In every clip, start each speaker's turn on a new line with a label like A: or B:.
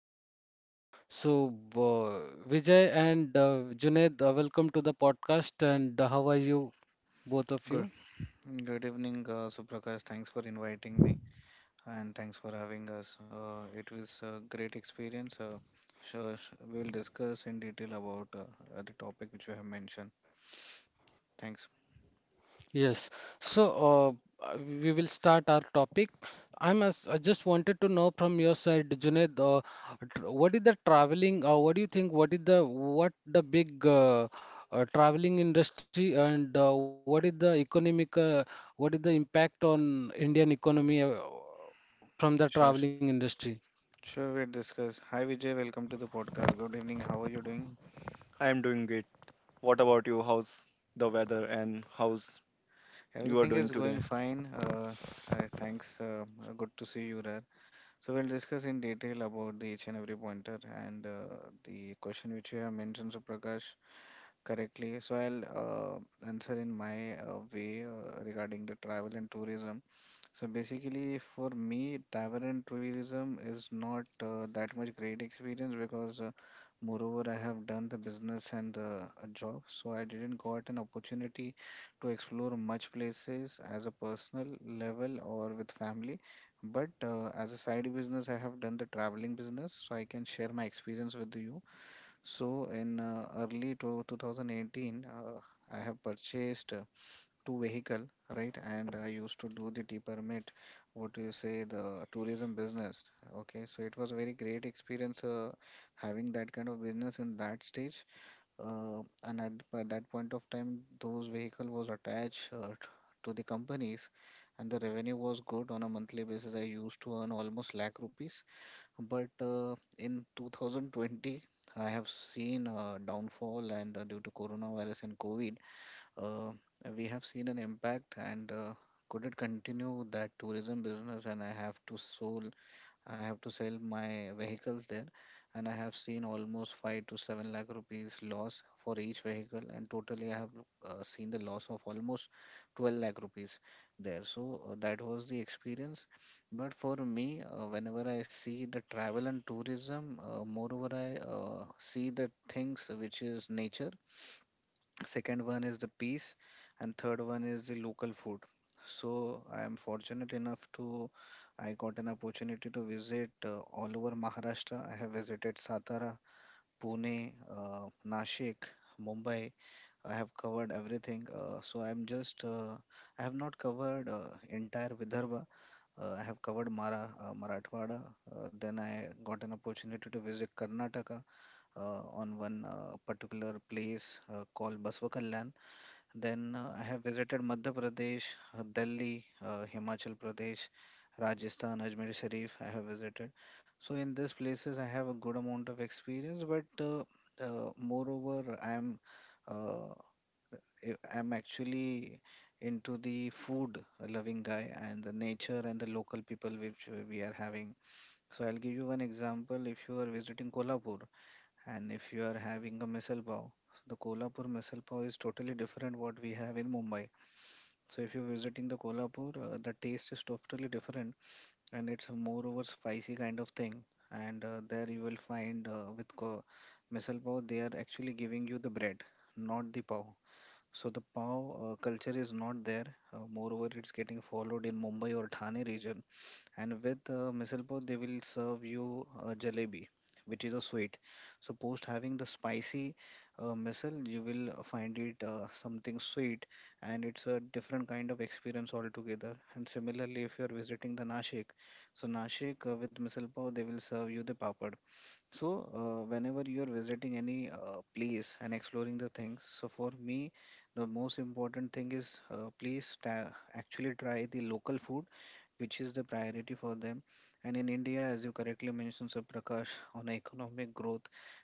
A: in India. So Vijay and Junaid, welcome to the podcast. And how are you, both of
B: Good,
A: you?
B: good evening, Suprakash. Thanks for inviting me and thanks for having us. It was a great experience. We will discuss in detail about the topic which you have mentioned. Thanks.
A: Yes. So we will start our topic. I just wanted to know from your side, Junaid, what is the traveling? What do you think? What is the big traveling industry, and what is the economic? What is the impact on Indian economy from the
B: Sure, sh-
A: traveling industry?
B: sure, we'll discuss. Hi, Vijay. Welcome to the podcast. Good evening. How are you doing?
C: I am doing great. What about you? How's the weather and how's you are
B: Everything
C: doing
B: is going
C: today?
B: fine. Thanks. Good to see you there. So we'll discuss in detail about the each and every pointer and the question which you have mentioned, Suprakash, correctly. So I'll answer in my way regarding the travel and tourism. So basically, for me, travel and tourism is not that much great experience because, moreover, I have done the business and the job, so I didn't got an opportunity to explore much places as a personal level or with family. But as a side business, I have done the traveling business, so I can share my experience with you. So in early to 2018, I have purchased. To vehicle, right? And I used to do the T permit, what do you say, the tourism business. Okay, so it was a very great experience having that kind of business in that stage. Uh, and at, at that point of time, those vehicle was attached to the companies, and the revenue was good on a monthly basis. I used to earn almost lakh rupees, but in 2020. I have seen a downfall and due to coronavirus and COVID, uh, we have seen an impact and could it continue that tourism business and I have to sold I have to sell my vehicles there, and I have seen almost 5 to 7 lakh rupees loss for each vehicle, and totally I have seen the loss of almost 12 lakh rupees there. So that was the experience. But for me, whenever I see the travel and tourism, moreover, I see the things which is nature, second one is the peace, and third one is the local food. So I am fortunate enough to I got an opportunity to visit all over Maharashtra. I have visited Satara, Pune, uh, Nashik, Mumbai. I have covered everything. So I'm just I have not covered entire Vidarbha. I have covered Marathwada. Then I got an opportunity to visit Karnataka, on one particular place called Basvakallan. Then I have visited Madhya Pradesh, Delhi, Himachal Pradesh, Rajasthan, Ajmer Sharif. I have visited. So in these places, I have a good amount of experience. But moreover, uh, I'm actually into the food loving guy and the nature and the local people which we are having. So I'll give you one example. If you are visiting Kolhapur, and if you are having a misal pav, the Kolhapur misal pav is totally different what we have in Mumbai. So if you're visiting the Kolhapur, the taste is totally different, and it's a moreover spicy kind of thing. And there you will find with misal pav, they are actually giving you the bread, not the pav. So the pav culture is not there. Moreover, it's getting followed in Mumbai or Thane region, and with misal pav they will serve you a jalebi, which is a sweet. So post having the spicy misal, you will find it something sweet, and it's a different kind of experience altogether. And similarly, if you are visiting the Nashik, so Nashik, with misal pav they will serve you the papad. So whenever you are visiting any place and exploring the things, so for me, the most important thing is uh, please ta- actually try the local food, which is the priority for them. And in India, as you correctly mentioned, Sir Prakash, on economic growth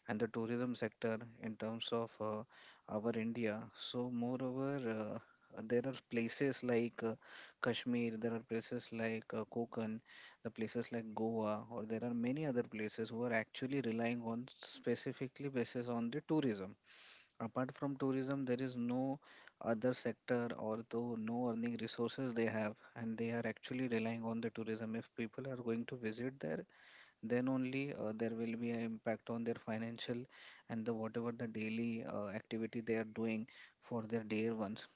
B: and the tourism sector in terms of our India. So, moreover, there are places like Kashmir, there are places like Konkan, the places like Goa, or there are many other places who are actually relying on specifically basis on the tourism. Apart from tourism, there is no other sector or though no earning resources they have, and they are actually relying on the tourism. If people are going to visit there, then only there will be an impact on their financial and the whatever the daily activity they are doing for their dear ones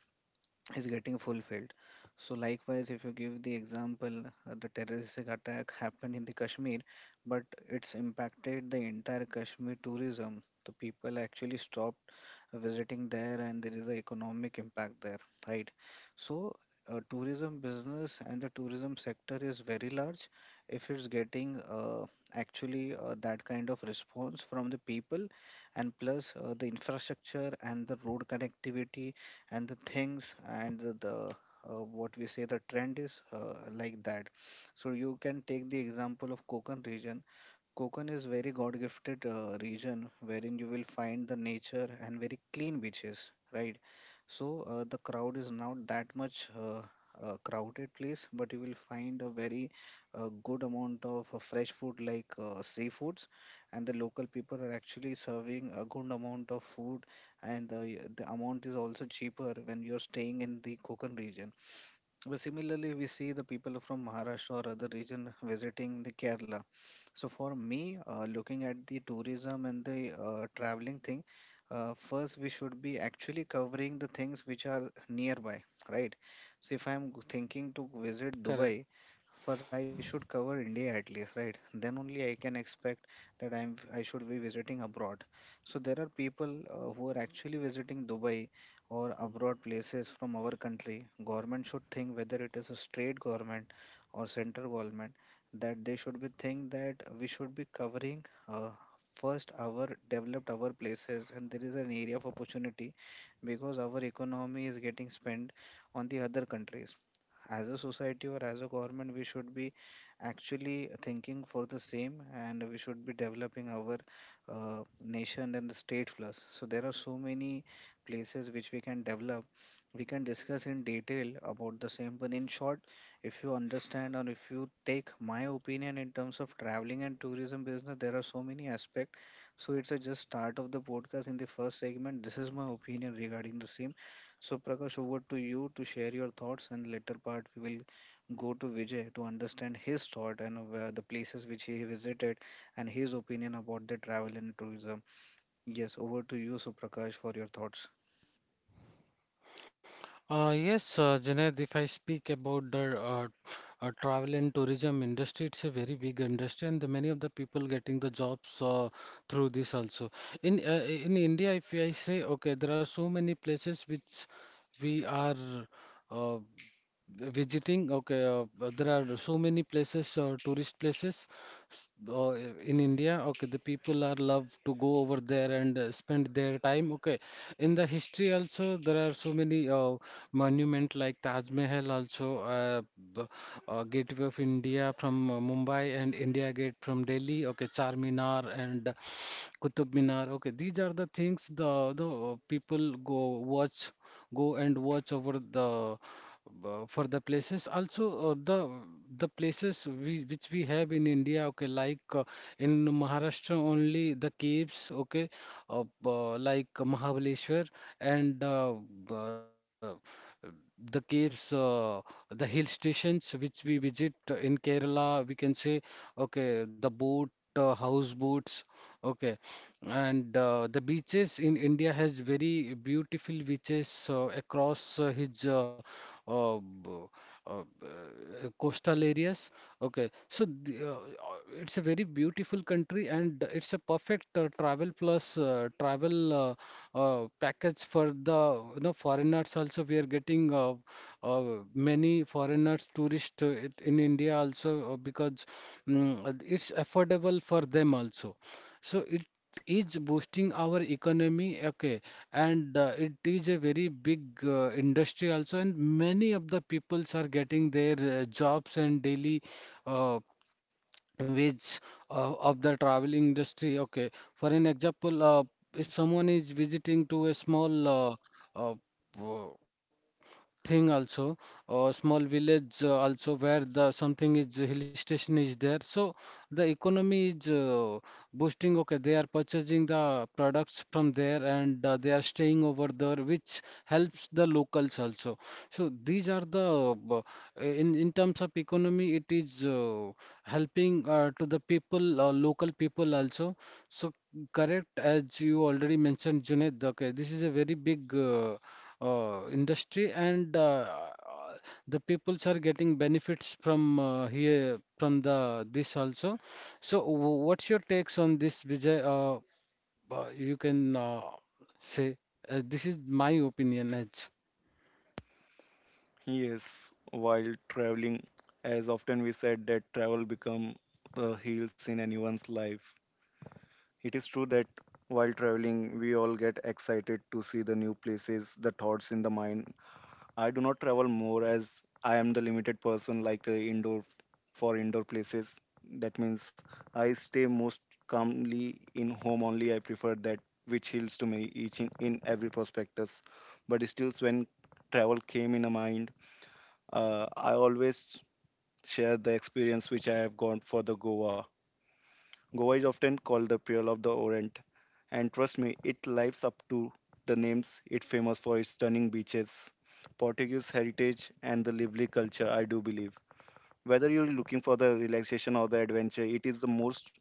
B: is getting fulfilled. So likewise, if you give the example, the terroristic attack happened in the Kashmir, but it's impacted the entire Kashmir tourism. The people actually stopped visiting there, and there is an economic impact there, right? So tourism business and the tourism sector is very large. If it's getting actually that kind of response from the people, and plus the infrastructure and the road connectivity and the things and the what we say the trend is like that. So you can take the example of Konkan region. Konkan is very God gifted region wherein you will find the nature and very clean beaches, right? So the crowd is not that much a crowded place, but you will find a very good amount of fresh food like seafoods, and the local people are actually serving a good amount of food, and the amount is also cheaper when you're staying in the Konkan region. But similarly, we see the people from Maharashtra or other region visiting the Kerala. So for me, looking at the tourism and the traveling thing, first we should be actually covering the things which are nearby, right? So if thinking to visit Dubai, first I should cover India at least, right? Then only I can expect that I'm I should be visiting abroad. So there are people who are actually visiting Dubai or abroad places from our country. Government should think whether it is a state government or central government, that they should be think that we should be covering first our developed our places, and there is an area of opportunity because our economy is getting spent on the other countries. As a society or as a government, we should be actually thinking for the same, and we should be developing our nation and the state first. So there are so many places which we can develop. We can discuss in detail about the same, but in short, if you understand or if you take my opinion in terms of traveling and tourism business, there are so many aspects. So it's a just start of the podcast. In the first segment, this is my opinion regarding the same. So, Prakash, over to you to share your thoughts, and later part we will go to Vijay to understand his thought and the places which he visited and his opinion about the travel and tourism. Yes, over to you, Suprakash, for your thoughts.
A: Yes, Junaid, if I speak about the travel and tourism industry, it's a very big industry, and many of the people getting the jobs through this also. In India, if I say, okay, there are so many places which we are uh, visiting. Okay, there are so many places, tourist places uh, in India, okay, the people are love to go over there and spend their time. Okay, in the history also there are so many monument like Taj Mahal also, b- Gateway of India from Mumbai and India Gate from Delhi. Okay, Charminar and Qutub Minar. Okay, these are the things the people go and watch over the for the places. Also, the which we have in India. Okay, like in Maharashtra only the caves. Okay, like Mahabaleshwar and uh, the caves, the hill stations which we visit in Kerala, we can say, okay, houseboats, okay, and the beaches in India has very beautiful beaches across uh, b- coastal areas. Okay, so it's a very beautiful country, and it's a perfect travel package for the foreigners also. We are getting many foreigners, tourists in India also because it's affordable for them also. So it is boosting our economy, okay, and it is a very big industry also, and many of the peoples are getting their jobs and daily uh, wage of the travel industry. Okay, for an example, if someone is visiting to a small uh, thing also, or small village also, where the something is hill station is there, so the economy is boosting. Okay, they are purchasing the products from there, and they are staying over there, which helps the locals also. So these are the in terms of economy it is helping to the people, local people also. So correct, as you already mentioned, Junaid, okay, this is a very big industry, and the peoples are getting benefits from here, from the this also. So what's your takes on this, Vijay? You can say this is my opinion as
C: Yes, while traveling, as often we said that travel become heals in anyone's life. It is true that while traveling, we all get excited to see the new places, the thoughts in the mind. I do not travel more as I am the limited person like indoor for indoor places. That means I stay most calmly in home only. I prefer that which heals to me each in every prospectus. But still, when travel came in a mind, I always share the experience which I have gone for the Goa. Goa is often called the Pearl of the Orient, and trust me, it lives up to the names. It's famous for its stunning beaches, Portuguese heritage, and the lively culture, I do believe. Whether you're looking for the relaxation or the adventure, it is the most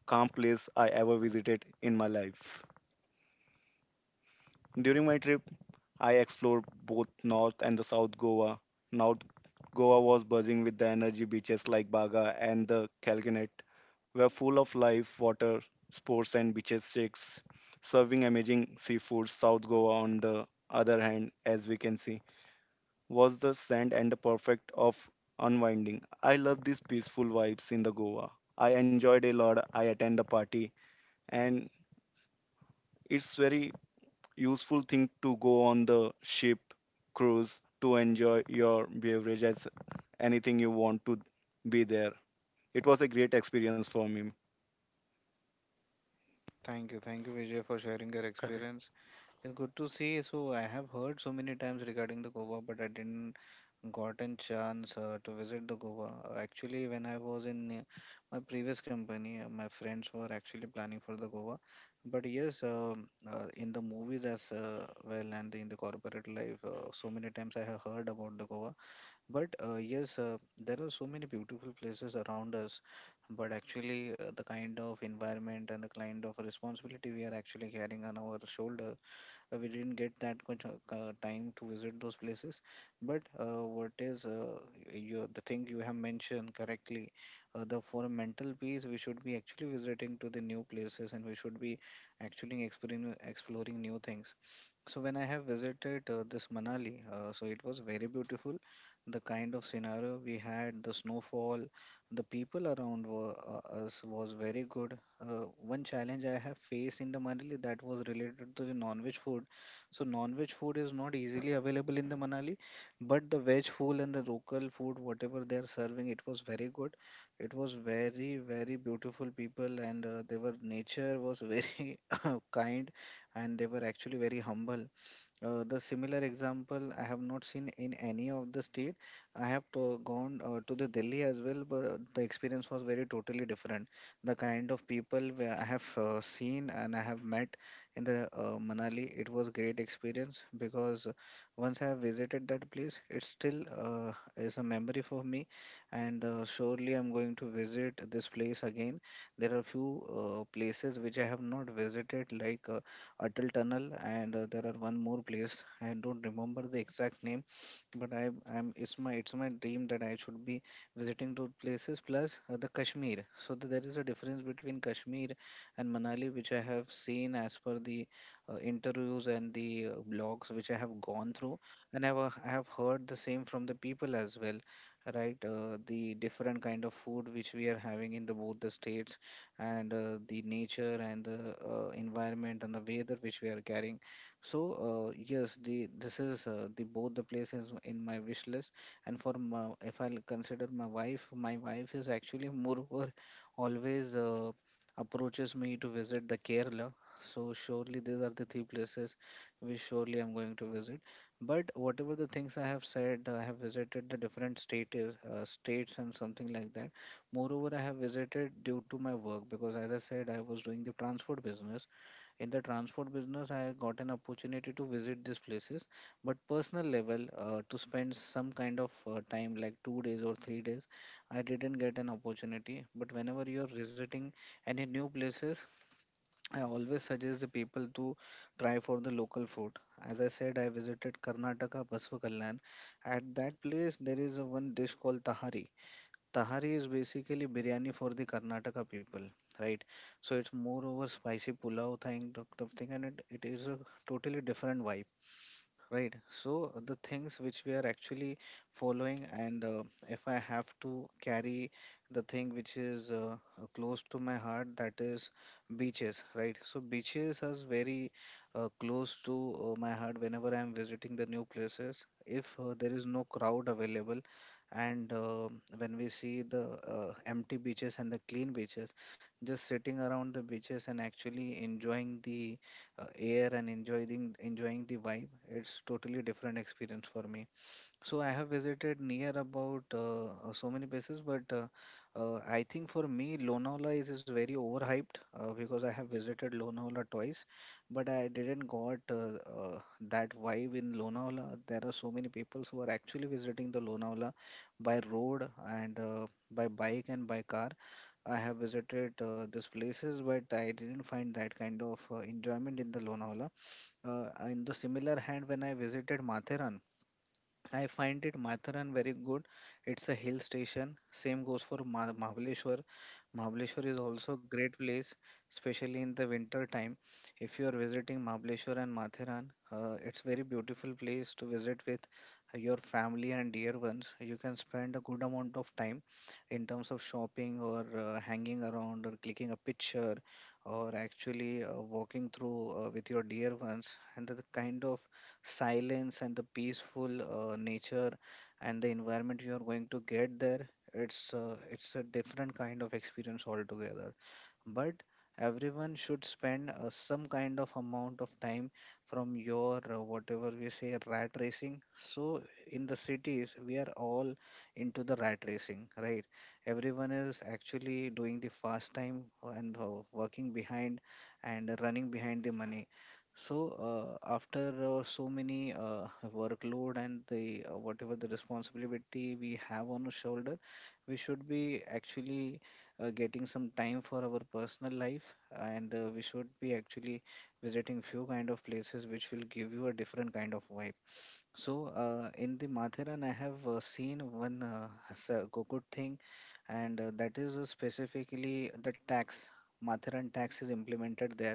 C: calm place I ever visited in my life. During my trip, I explored both North and the South Goa. North Goa was buzzing with the energy. Beaches like Baga and the Kalginet were full of life, water sports and beaches shacks serving amazing seafood. South Goa, on the other hand, as we can see, was the sand and the perfect of unwinding. I love these peaceful vibes in the Goa. I enjoyed a lot. I attend the party, and it's very useful thing to go on the ship cruise to enjoy your beverage as anything you want to be there. It was a great experience for me.
B: Thank you, Vijay, for sharing your
A: Correct.
B: experience. It's good to see. So I have heard so many times regarding the Goa, but I didn't gotten chance to visit the Goa. Actually, when I was in my previous company, my friends were actually planning for the Goa. But yes, in the movies as well and in the corporate life, so many times I have heard about the Goa. But yes, there are so many beautiful places around us. But actually, the kind of environment and the kind of responsibility we are actually carrying on our shoulder, we didn't get that much time to visit those places. But what is the thing you have mentioned correctly? The for mental peace, we should be actually visiting to the new places, and we should be actually exploring new things. So when I have visited this Manali, so it was very beautiful. The kind of scenario we had, the snowfall, the people around were, us was very good. One challenge I have faced in the Manali, that was related to the non-veg food. So non-veg food is not easily available in the Manali, but the veg food and the local food, whatever they are serving, it was very good. It was very, very beautiful people, and they were nature was very kind, and they were actually very humble. The similar example I have not seen in any of the state. I have to, gone to the Delhi as well, but the experience was very totally different. The kind of people where I have seen and I have met in the Manali, it was great experience because once I have visited that place, it still is a memory for me, and surely I'm going to visit this place again. There are few places which I have not visited, like Atal Tunnel, and there are one more place. I don't remember the exact name, but I I'm it's my dream that I should be visiting those places plus the Kashmir. So there is a difference between Kashmir and Manali, which I have seen as per the interviews and the blogs which I have gone through, and I've I have heard the same from the people as well, right? The different kind of food which we are having in the both the states, and the nature and the environment and the weather which we are carrying, so yes, the this is the both the places in my wish list. And for my, if I'll consider my wife is actually moreover always approaches me to visit the Kerala. So surely these are the three places which surely I'm going to visit. But whatever the things I have said, I have visited the different states, states and something like that. Moreover, I have visited due to my work because, as I said, I was doing the transport business. In the transport business, I got an opportunity to visit these places, but personal level, to spend some kind of time like 2 days or 3 days, I didn't get an opportunity. But whenever you're visiting any new places, I always suggest the people to try for the local food. As I said, I visited Karnataka Basvakallan. At that place, there is a one dish called Tahari. Tahari is basically biryani for the Karnataka people, right? So it's more over spicy pulao thing, sort of thing, and it is a totally different vibe. Right. So the things which we are actually following, and if I have to carry the thing which is close to my heart, that is beaches, right? So beaches is very close to my heart whenever I am visiting the new places. If there is no crowd available, and when we see the empty beaches and the clean beaches, just sitting around the beaches and actually enjoying the air and enjoying the vibe, it's totally different experience for me. So I have visited near about so many places, but I think for me Lonavala is very overhyped because I have visited Lonavala twice, but I didn't got uh, that vibe in Lonavala. There are so many people who are actually visiting the Lonavala by road, and by bike and by car. I have visited these places, but I didn't find that kind of enjoyment in the Lonavala. In the similar hand, when I visited Mathera, I find it Matharan very good. It's a hill station. Same goes for Mahabaleshwar. Mahabaleshwar is also a great place, especially in the winter time. If you are visiting Mahabaleshwar and Matharan, it's very beautiful place to visit with your family and dear ones. You can spend a good amount of time in terms of shopping or hanging around or clicking a picture or actually walking through with your dear ones. And the kind of silence and the peaceful nature and the environment you are going to get there, it's it's a different kind of experience altogether. But everyone should spend some kind of amount of time from your whatever we say rat racing. So in the cities we are all into the rat racing, right? Everyone is actually doing the fast time and working behind and running behind the money. So after so many workload and the whatever the responsibility we have on our shoulder, we should be actually getting some time for our personal life, and we should be actually visiting few kind of places which will give you a different kind of vibe. So in the Matheran, I have seen one good thing, and that is specifically the tax. Matheran tax is implemented there,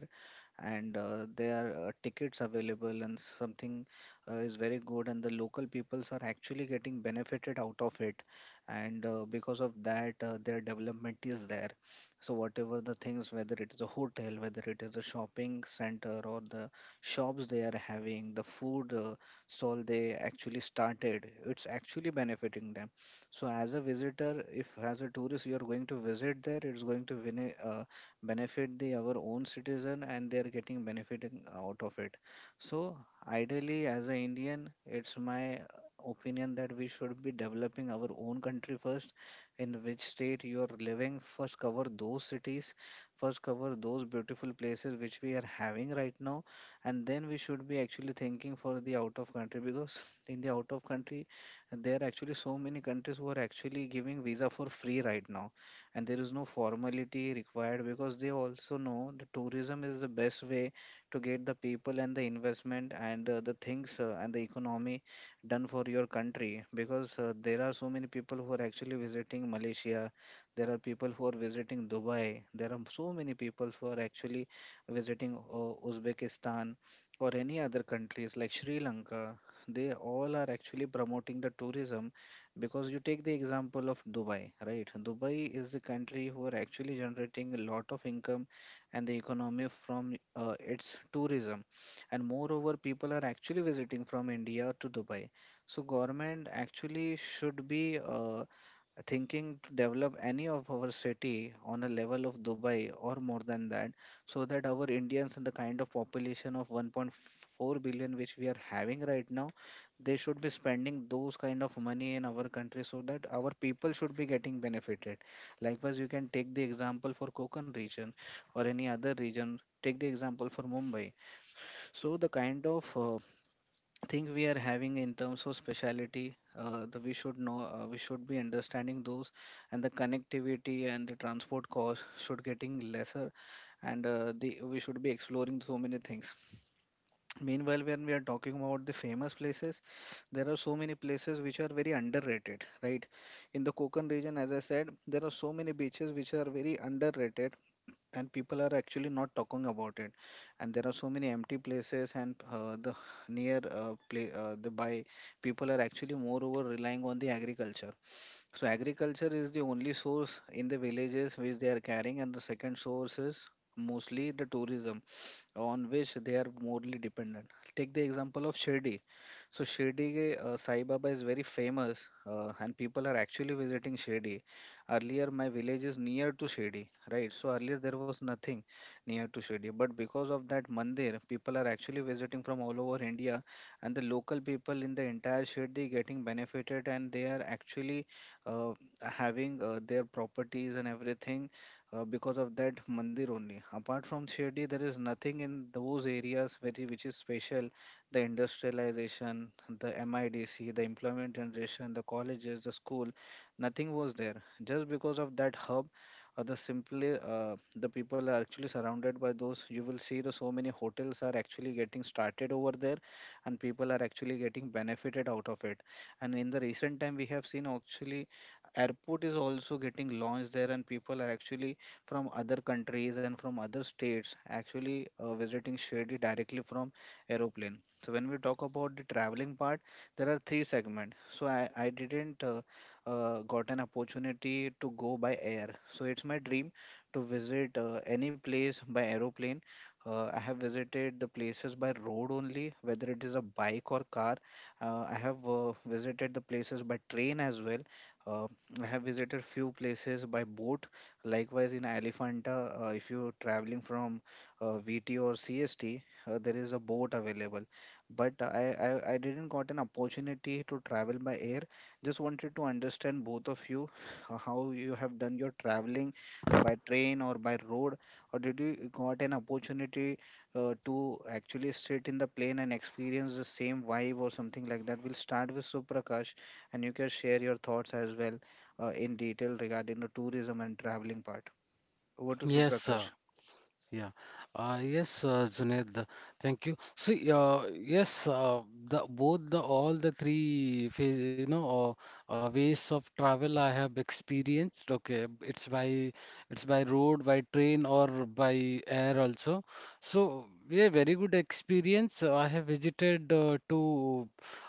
B: and there are tickets available, and something is very good, and the local peoples are actually getting benefited out of it, and because of that, their development is there. So whatever the things, whether it is a hotel, whether it is a shopping center or the shops they are having, the food stall they actually started, it's actually benefiting them. So as a visitor, if as a tourist you are going to visit there, it's going to benefit the our own citizen, and they are getting benefiting out of it. So ideally, as an Indian, it's my opinion that we should be developing our own country first. In which state you are living, first cover those cities, first cover those beautiful places which we are having right now, and then we should be actually thinking for the out of country. Because in the out of country, there are actually so many countries who are actually giving visa for free right now, and there is no formality required, because they also know the tourism is the best way to get the people and the investment and the things and the economy done for your country. Because there are so many people who are actually visiting Malaysia, there are people who are visiting Dubai, there are so many people who are actually visiting Uzbekistan or any other countries like Sri Lanka, they all are actually promoting the tourism. Because you take the example of Dubai, right? Dubai is the country who are actually generating a lot of income and the economy from its tourism. And moreover, people are actually visiting from India to Dubai. So government actually should be thinking to develop any of our city on a level of Dubai or more than that, so that our Indians and the kind of population of 1.4 billion which we are having right now, they should be spending those kind of money in our country so that our people should be getting benefited. Likewise, you can take the example for Konkan region or any other region. Take the example for Mumbai. So the kind of think we are having in terms of speciality, the we should know, we should be understanding those and the connectivity and the transport cost should getting lesser, and the we should be exploring so many things. Meanwhile, when we are talking about the famous places, there are so many places which are very underrated, right? In the Konkan region, as I said, there are so many beaches which are very underrated and people are actually not talking about it, and there are so many empty places, and the near play the by people are actually moreover relying on the agriculture. So agriculture is the only source in the villages which they are carrying, and the second source is mostly the tourism, on which they are morally dependent. Take the example of Shirdi. So Shirdi Sai Baba is very famous, and people are actually visiting Shirdi. Earlier, my village is near to Shirdi, right? So earlier there was nothing near to Shirdi, but because of that mandir, people are actually visiting from all over India, and the local people in the entire Shirdi getting benefited, and they are actually uh, having their properties and everything because of that mandir only. Apart from Shirdi, there is nothing in those areas which, which is special. The industrialization, the MIDC, the employment generation, the colleges, the school, nothing was there. Just because of that hub, the simply the people are actually surrounded by those. You will see the so many hotels are actually getting started over there, and people are actually getting benefited out of it. And in the recent time, we have seen actually airport is also getting launched there, and people are actually from other countries and from other states actually visiting Shirdi directly from aeroplane. So when we talk about the traveling part, there are three segments. So I didn't got an opportunity to go by air. So it's my dream to visit any place by aeroplane. I have visited the places by road only, whether it is a bike or car. I have visited the places by train as well. Uh, I have visited few places by boat. Likewise, in Elephanta, if you're traveling from VT or CST, there is a boat available. But I didn't got an opportunity to travel by air. Just wanted to understand both of you how you have done your traveling by train or by road, or did you got an opportunity to actually sit in the plane and experience the same vibe or something like that? We'll start with Suprakash, and you can share your thoughts as well in detail regarding the tourism and traveling part. Over to
A: Yes, sir.
B: Suprakash.
A: Yeah. Yes, Junaid, thank you. See, yes, the both the all the three phase, you know, ways of travel I have experienced. Okay, it's by road, by train, or by air also. So yeah, very good experience. I have visited to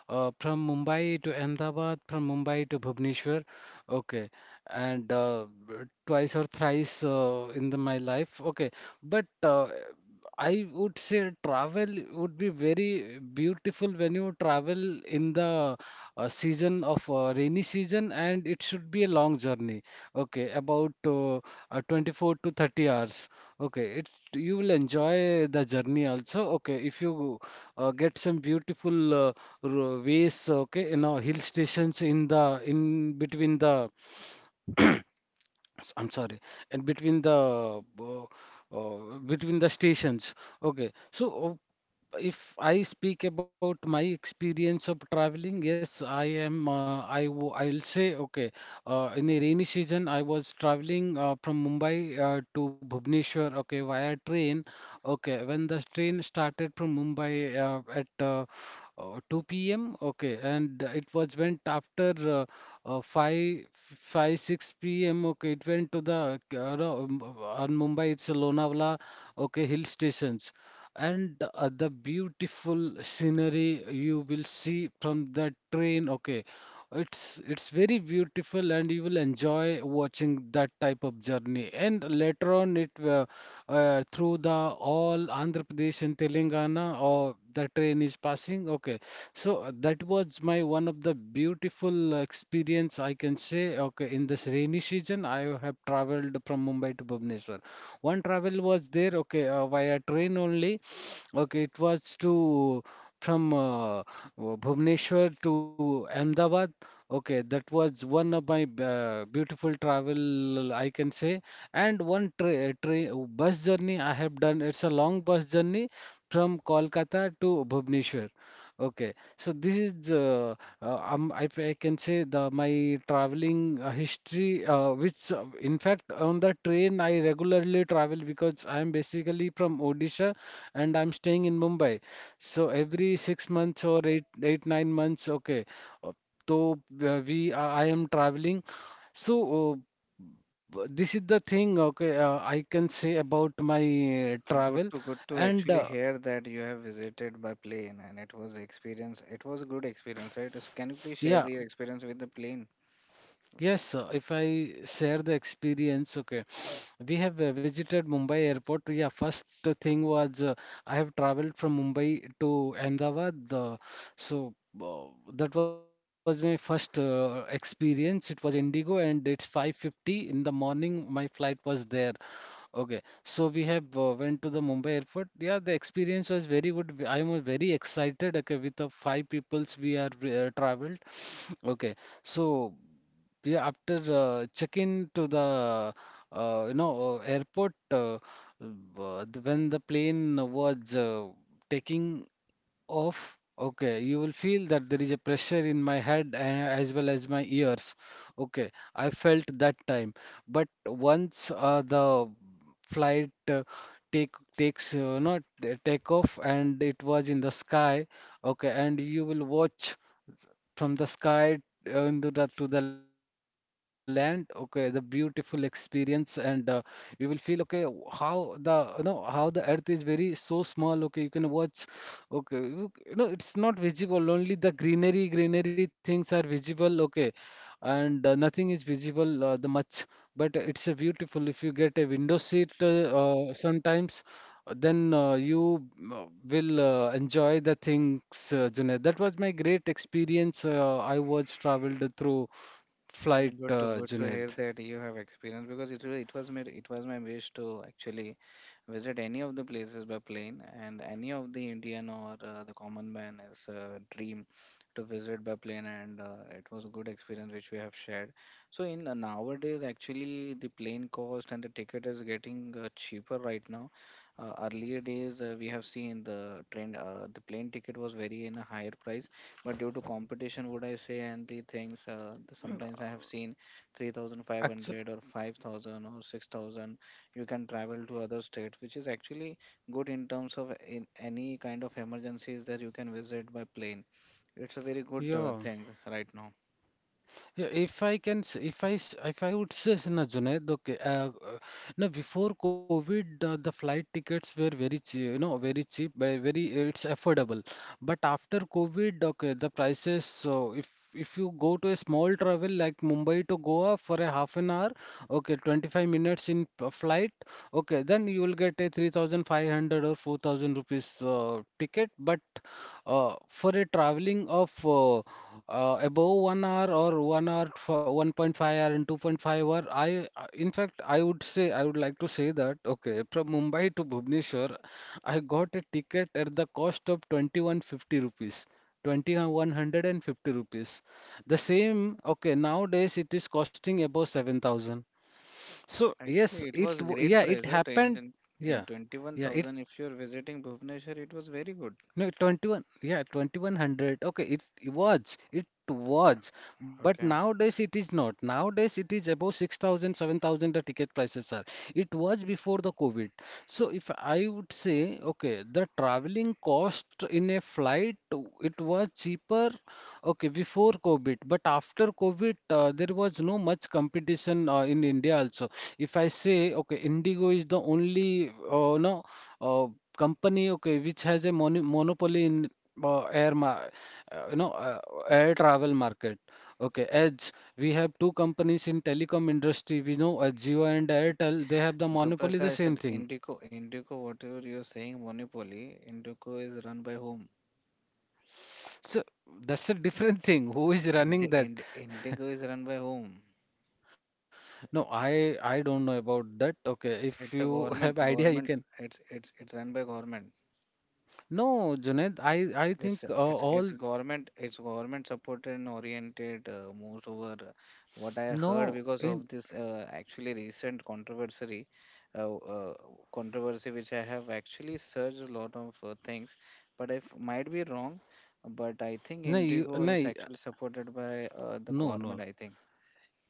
A: from Mumbai to Ahmedabad, from Mumbai to Bhubaneswar. Okay, and twice or thrice my life. Okay, but I would say travel would be very beautiful when you travel in the season of rainy season, and it should be a long journey. Okay, about 24 to 30 hours. Okay, it you will enjoy the journey also. Okay, if you get some beautiful ways. Okay, you know hill stations in the in between the. I'm sorry, and between the stations. Okay, so if I speak about my experience of traveling, yes, I am. I'll say okay. In a rainy season, I was traveling from Mumbai to Bhubaneswar. Okay, via train. Okay, when the train started from Mumbai at uh, 2 p.m. Okay, and it was went after uh, 5 5 6 p.m. Okay, it went to the no, on Mumbai. It's a Lonavala. Okay, hill stations. And the beautiful scenery you will see from the train, okay, it's very beautiful, and you will enjoy watching that type of journey. And later on, it through the all Andhra Pradesh and Telangana, or the train is passing. Okay, so that was my one of the beautiful experience, I can say. Okay, in this rainy season, I have traveled from Mumbai to Bhubaneswar. One travel was there. Okay, via train only. Okay, it was to from Bhubaneswar to Ahmedabad. Okay, that was one of my beautiful travel, I can say. And one tra tra bus journey I have done. It's a long bus journey from Kolkata to Bhubaneswar. Okay, so this is I can say the my traveling history, which in fact on the train I regularly travel, because I am basically from Odisha, and I'm staying in Mumbai. So every 6 months or 9 months, okay. uh, So I am traveling. So this is the thing, okay. I can say about my
B: Good
A: travel,
B: to good to
A: and
B: actually hear that you have visited by plane and it was experience. It was a good experience, right? So can you please
A: yeah,
B: share your experience with the plane?
A: yes. If I share the experience, okay. We have visited Mumbai airport. Yeah, first thing was I have traveled from Mumbai to Ahmedabad. So uh, that was my first experience. It was Indigo, and it's 5:50 in the morning. My flight was there. Okay, so we have went to the Mumbai airport. Yeah, the experience was very good. I was very excited. Okay, with the five peoples we are traveled. Okay, so. Yeah, after check-in to the airport, when the plane was taking off, okay, you will feel that there is a pressure in my head as well as my ears. Okay, I felt that time. But once the flight take takes not take off and it was in the sky, okay, and you will watch from the sky into the to the land, okay, the beautiful experience. And you will feel, okay, how the earth is very so small, okay, you can watch, okay, you know it's not visible, only the greenery things are visible, okay, and nothing is visible the much but it's a beautiful if you get a window seat sometimes, then you uh, will enjoy the things, Junaid. That was my great experience. I was traveled through flight,
B: Mm, Good to good to hear
A: Junaid.
B: that you have experience because it was my wish to actually visit any of the places by plane, and any of the Indian or the common man is a dream to visit by plane, and it was a good experience which we have shared. So in nowadays, actually, the plane cost and the ticket is getting cheaper right now. Earlier days, we have seen the train, the plane ticket was very in a higher price, but due to competition, would I say, and the things, sometimes I have seen
A: Actually,
B: 3,500 or 5,000 or 6,000 you can travel to other states which is actually good in terms of in any kind of emergencies that you can visit by plane. It's a very good
A: yeah.
B: thing right now.
A: Yeah, if I can, if I would say, na Junaid, okay, no, before COVID, the flight tickets were very cheap, you know, very cheap, it's affordable. But after COVID, okay, the prices, so if you go to a small travel like Mumbai to Goa for a half an hour, okay, 25 minutes in flight, okay, then you will get a 3,500 or 4,000 rupees ticket. But for a traveling of above 1 hour or 1 hour, 1.5 hour and 2.5 hour, I in fact I would say I would like to say that okay from Mumbai to Bhubaneswar, I got a ticket at the cost of 2,150 rupees. 2,150 rupees. The same, okay, nowadays it is costing above 7,000. So yes,
B: Actually it was great
A: yeah, it
B: price at in
A: happened.
B: in, in
A: Yeah. Yeah, it.
B: 21,000 if you're visiting Bhubaneswar. It was very good.
A: No, 21, yeah, 2,100. Okay, it was, but
B: Okay,
A: nowadays it is not. Nowadays it is above 6,000, 7,000. The ticket prices are. It was before the COVID. So if I would say, okay, the traveling cost in a flight, it was cheaper, okay, before COVID, but after COVID, there was no much competition in India also. If I say, okay, Indigo is the only, no, uh, company, okay, which has a monopoly in air ma you know air travel market, okay, as we have two companies in telecom industry. We know, Jio and Airtel, they have the
B: so
A: monopoly, the
B: Prakash,
A: same
B: at
A: thing.
B: Indico, Indico, whatever you're saying, monopoly, Indico is run by whom?
A: So that's a different thing, who is running
B: Indi,
A: that.
B: Indi, indigo is run by whom?
A: No, I don't know about that, okay. If
B: It's a
A: you have
B: government
A: idea, you
B: government
A: can.
B: It's run by government.
A: No, Junaid, I
B: It's
A: think,
B: a- it's a- it's
A: all
B: a government. It's government supported and oriented, most over, what I heard
A: no,
B: because
A: in
B: of this actually recent controversy, uh, uh, controversy which I have actually searched a lot of things, but might be wrong, but I think
A: no you
B: Indigo
A: no
B: is
A: y-
B: actually supported by the
A: no
B: government,
A: no
B: I think.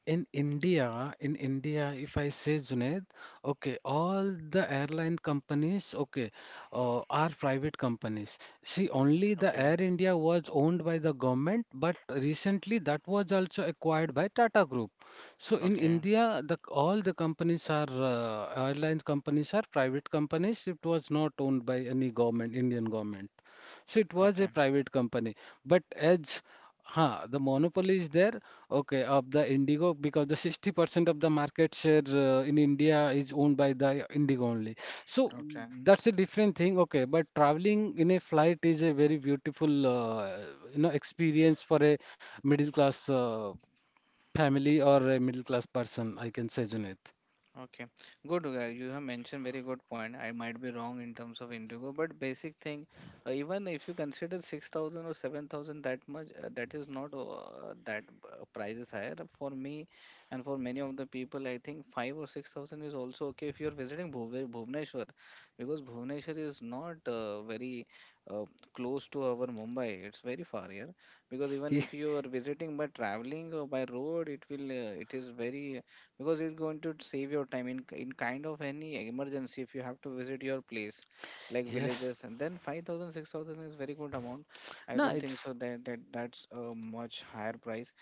A: in India, in India, if I say Junaid, okay, all the airline companies, okay, are private companies. See, only the Air
B: Okay,
A: India was owned by the government, but recently that was also acquired by Tata Group. So in
B: okay,
A: India, the all the companies are, airline companies are private companies. It was not owned by any government, Indian government. So it was
B: okay,
A: a private company. But the monopoly is there, okay, of the Indigo, because the 60% of the market share in India is owned by the Indigo only. So
B: okay.
A: that's a different thing, okay. But traveling in a flight is a very beautiful, experience for a middle class family or a middle class person, I can say, Junaid.
B: Okay, good. Uga. You have mentioned very good point. I might be wrong in terms of Indigo, but basic thing, even if you consider 6,000 or 7,000 that much, that is not that price is higher for me and for many of the people. I think 5 or 6,000 is also okay if you are visiting Bhubaneswar, because Bhubaneswar is not very uh, close to our Mumbai. It's very far here, because even
A: He,
B: if you are visiting by traveling or by road, it will it is very, because it's going to save your time in kind of any emergency if you have to visit your place like villages,
A: yes.
B: and then 5000 6000 is very good amount. I
A: No,
B: don't think
A: it's
B: so that that's a much higher price.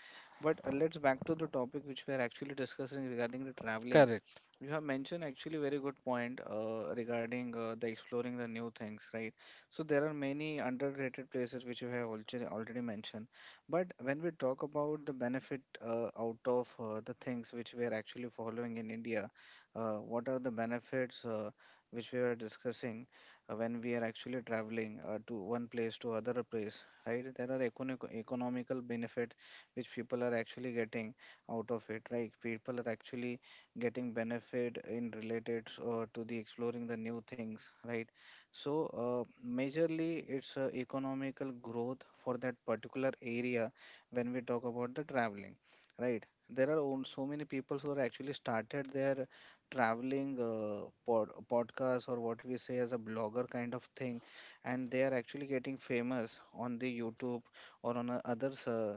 B: But let's back to the topic which we are actually discussing regarding the traveling.
A: correct,
B: You have mentioned actually very good point regarding the exploring the new things, right? So there are many underrated places which you have already mentioned. But when we talk about the benefit out of the things which we are actually following in India, what are the benefits which we were discussing when we are actually traveling to one place to other place, right? There are economical benefits which people are actually getting out of it, right? People are actually getting benefit in related to the exploring the new things, right? So uh, majorly it's economical growth for that particular area when we talk about the traveling, right? There are so many people who are actually started their traveling podcast or what we say as a blogger kind of thing, and they are actually getting famous on the YouTube or on a others,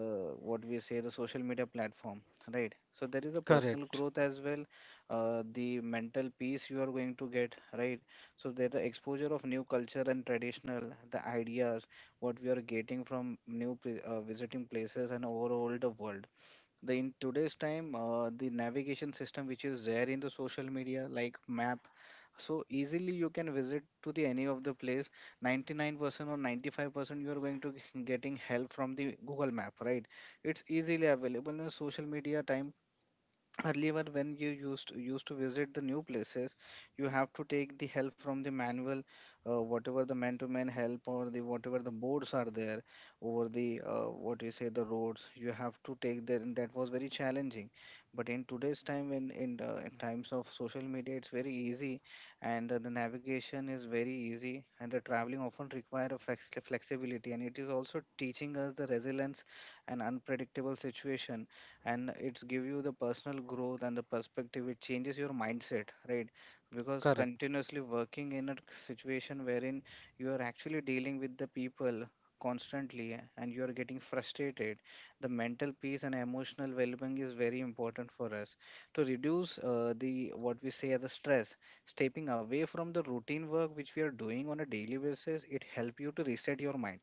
B: uh, what we say, the social media platform. Right. So there is a personal
A: correct,
B: growth as well, the mental peace you are going to get, right? So there the exposure of new culture and traditional, the ideas, what we are getting from visiting places and overall the world. The in today's time, the navigation system which is there in the social media like map, so easily you can visit to the any of the place. 99% or 95% you are going to getting help from the Google Map, right? It's easily available in the social media time. Earlier when you used to visit the new places, you have to take the help from the manual, whatever the man to man help or the whatever the boards are there over the what you say, the roads, you have to take there, and that was very challenging. But in today's time, in times of social media, it's very easy, and the navigation is very easy, and the traveling often require a flexibility, and it is also teaching us the resilience and unpredictable situation, and it's give you the personal growth and the perspective. It changes your mindset, right? Because
A: correct.
B: continuously working in a situation wherein you are actually dealing with the people constantly and you are getting frustrated, the mental peace and emotional well-being is very important for us to reduce the what we say as the stress. Stepping away from the routine work which we are doing on a daily basis, it help you to reset your mind.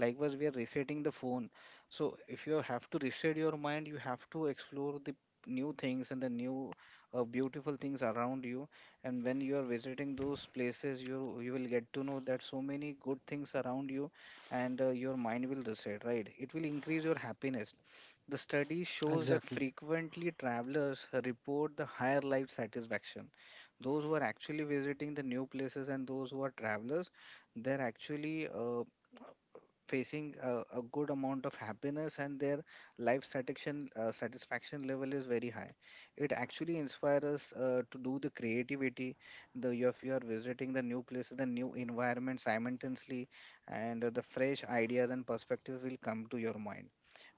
B: Likewise we are resetting the phone. So if you have to reset your mind, you have to explore the new things and the new beautiful things around you. And when you are visiting those places, you will get to know that so many good things around you, and your mind will reset. Right? It will increase your happiness. The study shows that
A: Exactly.
B: frequently travelers report the higher life satisfaction. Those who are actually visiting the new places and those who are travelers, they're actually facing a good amount of happiness, and their life satisfaction satisfaction level is very high. It actually inspires us to do the creativity. The if you are visiting the new places, the new environment simultaneously, and the fresh ideas and perspectives will come to your mind.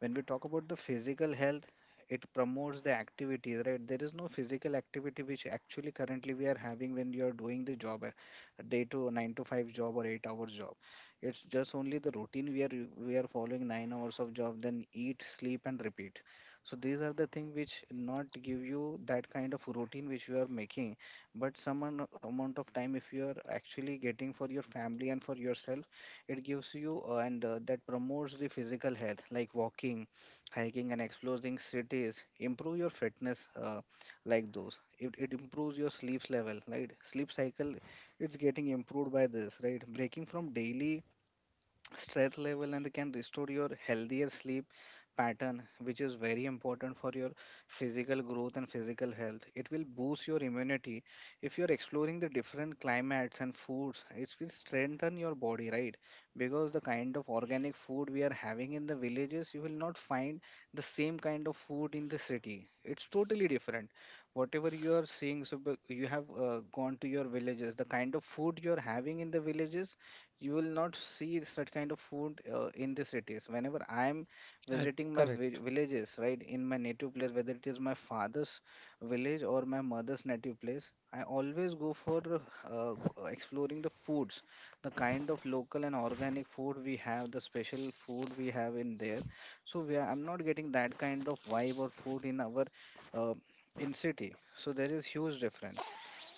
B: When we talk about the physical health, it promotes the activities, right? There is no physical activity which actually currently we are having when you are doing the job a day to 9 to 5 job or 8 hours job. It's just only the routine we are following 9 hours of job, then eat, sleep, and repeat. So these are the thing which not give you that kind of routine which you are making, but amount of time if you are actually getting for your family and for yourself, it gives you and that promotes the physical health like walking, hiking, and exploring cities. Improve your fitness like those. It improves your sleep level, right? Sleep cycle it's getting improved by this, right? Breaking from daily stress level and they can restore your healthier sleep pattern, which is very important for your physical growth and physical health. It will boost your immunity. If you're exploring the different climates and foods, it will strengthen your body, right? Because the kind of organic food we are having in the villages, you will not find the same kind of food in the city. It's totally different. Whatever you are seeing, so you have gone to your villages, the kind of food you're having in the villages, you will not see such kind of food in the cities. Whenever I am
A: I,
B: visiting my
A: correct.
B: villages, right, in my native place, whether it is my father's village or my mother's native place, I always go for exploring the foods, the kind of local and organic food we have, the special food we have in there. So I'm not getting that kind of vibe or food in our uh, in city. So there is huge difference.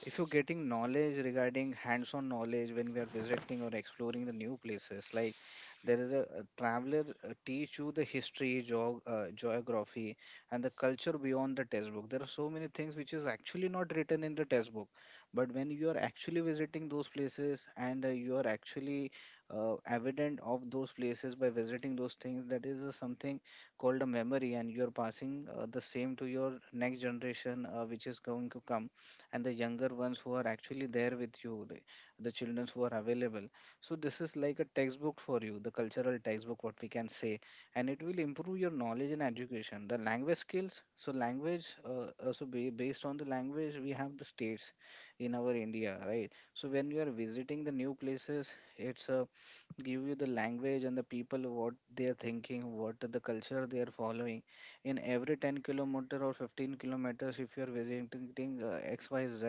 B: If you're getting knowledge regarding hands-on knowledge when we are visiting or exploring the new places, like there is a traveler teach you the history geography and the culture beyond the textbook. There are so many things which is actually not written in the textbook, but when you are actually visiting those places and you are actually evident of those places by visiting those things, that is something called a memory, and you're passing the same to your next generation which is going to come, and the younger ones who are actually there with you, The children who are available. So this is like a textbook for you, the cultural textbook, what we can say, and it will improve your knowledge and education. The language skills, so based on the language, we have the states in our India, right? So when you are visiting the new places, it's a give you the language and the people what they're thinking, what the culture they are following. In every 10 kilometer or 15 kilometers, if you're visiting XYZ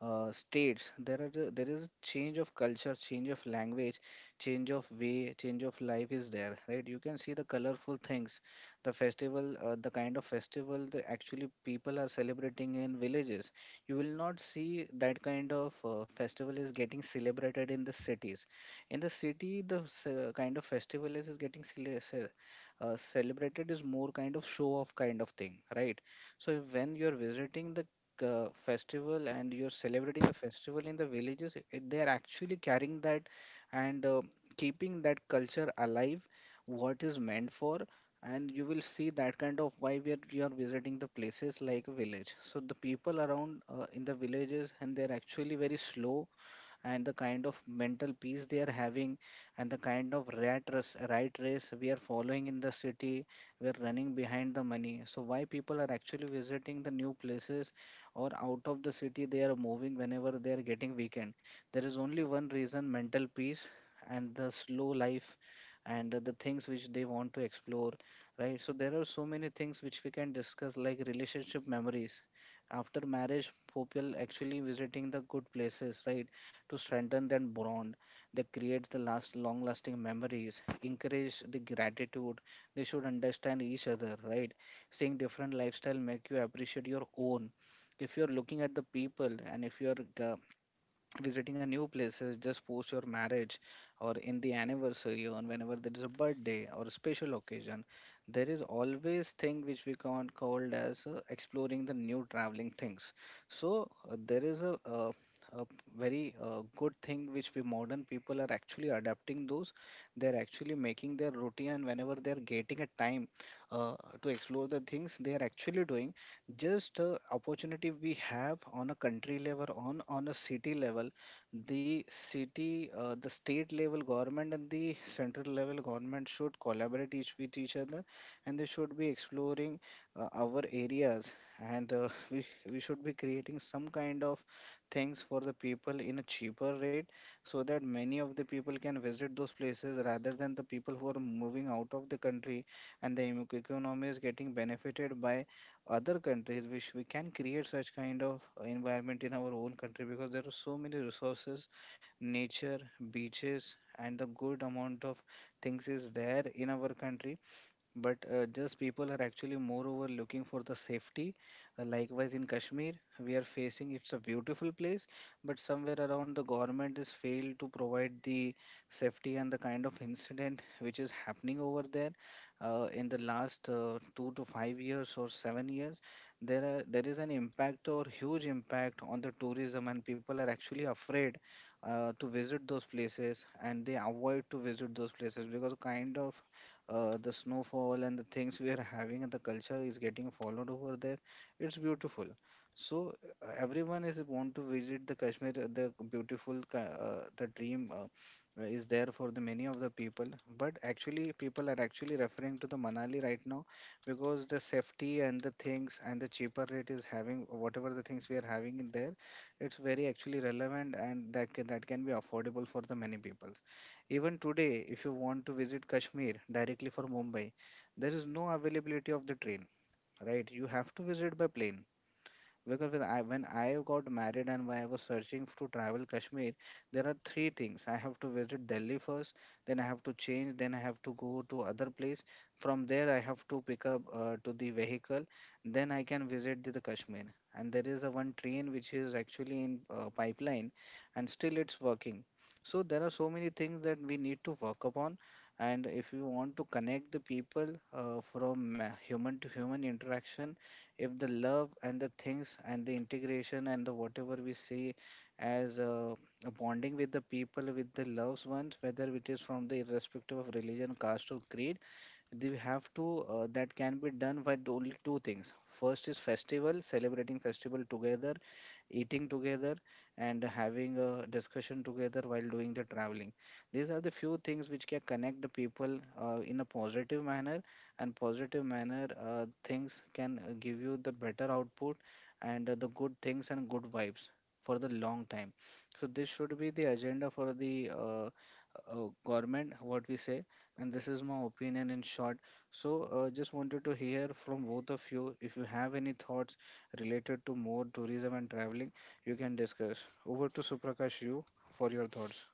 B: states, there is a change of culture, change of language, change of way, change of life is there, right? You can see the colorful things, the festival, the kind of festival that actually people are celebrating in villages. You will not see that kind of festival is getting celebrated in the cities. In the city the se- kind of festival is getting cele- ce- celebrated is more kind of show off kind of thing, right? So when you're visiting the festival and you're celebrating the festival in the villages, it, they're actually carrying that and keeping that culture alive, what is meant for. And you will see that kind of you are visiting the places like a village. So the people around in the villages, and they're actually very slow, and the kind of mental peace they are having, and the kind of rat race we are following in the city. We are running behind the money. So why people are actually visiting the new places or out of the city, they are moving whenever they are getting weekend. There is only one reason: mental peace, and the slow life, and the things which they want to explore, right? So there are so many things which we can discuss, like relationship memories. After marriage, people actually visiting the good places, right? To strengthen that bond, they create the last long lasting memories, encourage the gratitude. They should understand each other, right? Seeing different lifestyle make you appreciate your own. If you're looking at the people, and if you're uh, visiting a new places just post your marriage or in the anniversary or whenever there is a birthday or a special occasion, there is always thing which we can called as exploring the new traveling things. So there is a very good thing which we modern people are actually adapting those. They're actually making their routine, and whenever they're getting a time uh, to explore the things, they are actually doing. Just opportunity we have on a country level, on a city level, the city, the state level government and the central level government should collaborate each with each other, and they should be exploring our areas, and we should be creating some kind of things for the people in a cheaper rate, so that many of the people can visit those places rather than the people who are moving out of the country, and the economy is getting benefited by other countries, which we can create such kind of environment in our own country, because there are so many resources: nature, beaches, and the good amount of things is there in our country. But just people are actually moreover looking for the safety. Likewise, in Kashmir, we are facing, it's a beautiful place, but somewhere around, the government is failed to provide the safety and the kind of incident which is happening over there. In the last 2 to 5 years or 7 years, there is an impact or huge impact on the tourism, and people are actually afraid to visit those places, and they avoid to visit those places because kind of the snowfall and the things we are having, and the culture is getting followed over there. It's beautiful. So everyone is want to visit the Kashmir, the dream is there for the many of the people. But actually people are actually referring to the Manali right now, because the safety and the things and the cheaper rate is having whatever the things we are having in there. It's very actually relevant, and that can be affordable for the many people. Even today, if you want to visit Kashmir directly from Mumbai, there is no availability of the train, right? You have to visit by plane. Because when I got married and when I was searching to travel Kashmir, there are 3 things. I have to visit Delhi first, then I have to change, then I have to go to other place. From there, I have to pick up to the vehicle, then I can visit the Kashmir. And there is a 1 train which is actually in pipeline, and still it's working. So there are so many things that we need to work upon. And if you want to connect the people from human to human interaction, if the love and the things and the integration and the whatever we see as a bonding with the people, with the loved ones, whether it is from the irrespective of religion, caste or creed, they have to that can be done by the only 2 things. First is festival, celebrating festival together, eating together, and having a discussion together while doing the traveling. These are the few things which can connect the people in a positive manner, and positive manner things can give you the better output and the good things and good vibes for the long time. So this should be the agenda for the government, what we say. And this is my opinion in short. So just wanted to hear from both of you if you have any thoughts related to more tourism and traveling. You can discuss. Over to Suprakash you for your thoughts.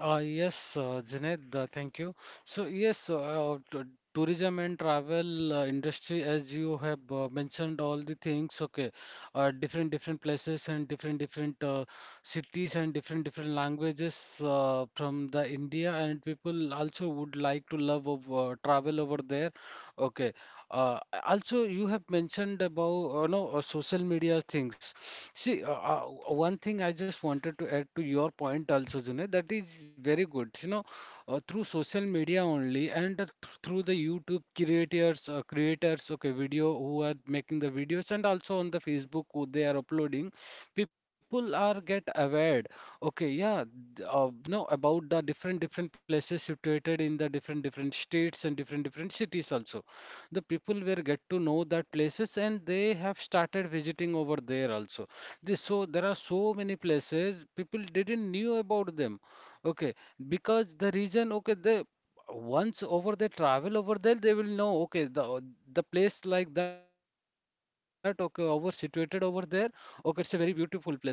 A: Yes, Junaid, thank you. So yes, tourism and travel industry, as you have mentioned all the things, okay, different different places and different different cities and different different languages from the India, and people also would like to love of travel over there, okay. Uh, Also, you have mentioned about no social media things. See, one thing I just wanted to add to your point also, Junaid, that is very good. You know, through social media only and through the YouTube creators, creators, okay, video who are making the videos, and also on the Facebook who they are uploading, people are get aware. Okay, yeah, th- no, about the different different places situated in the different different states and different different cities also. The people will get to know that places and they have started visiting over there also. This, so there are so many places people didn't knew about them. Okay, because the reason, okay, they once over they travel over there they will know, okay, the place like that, okay, over situated over there, okay, it's a very beautiful place. But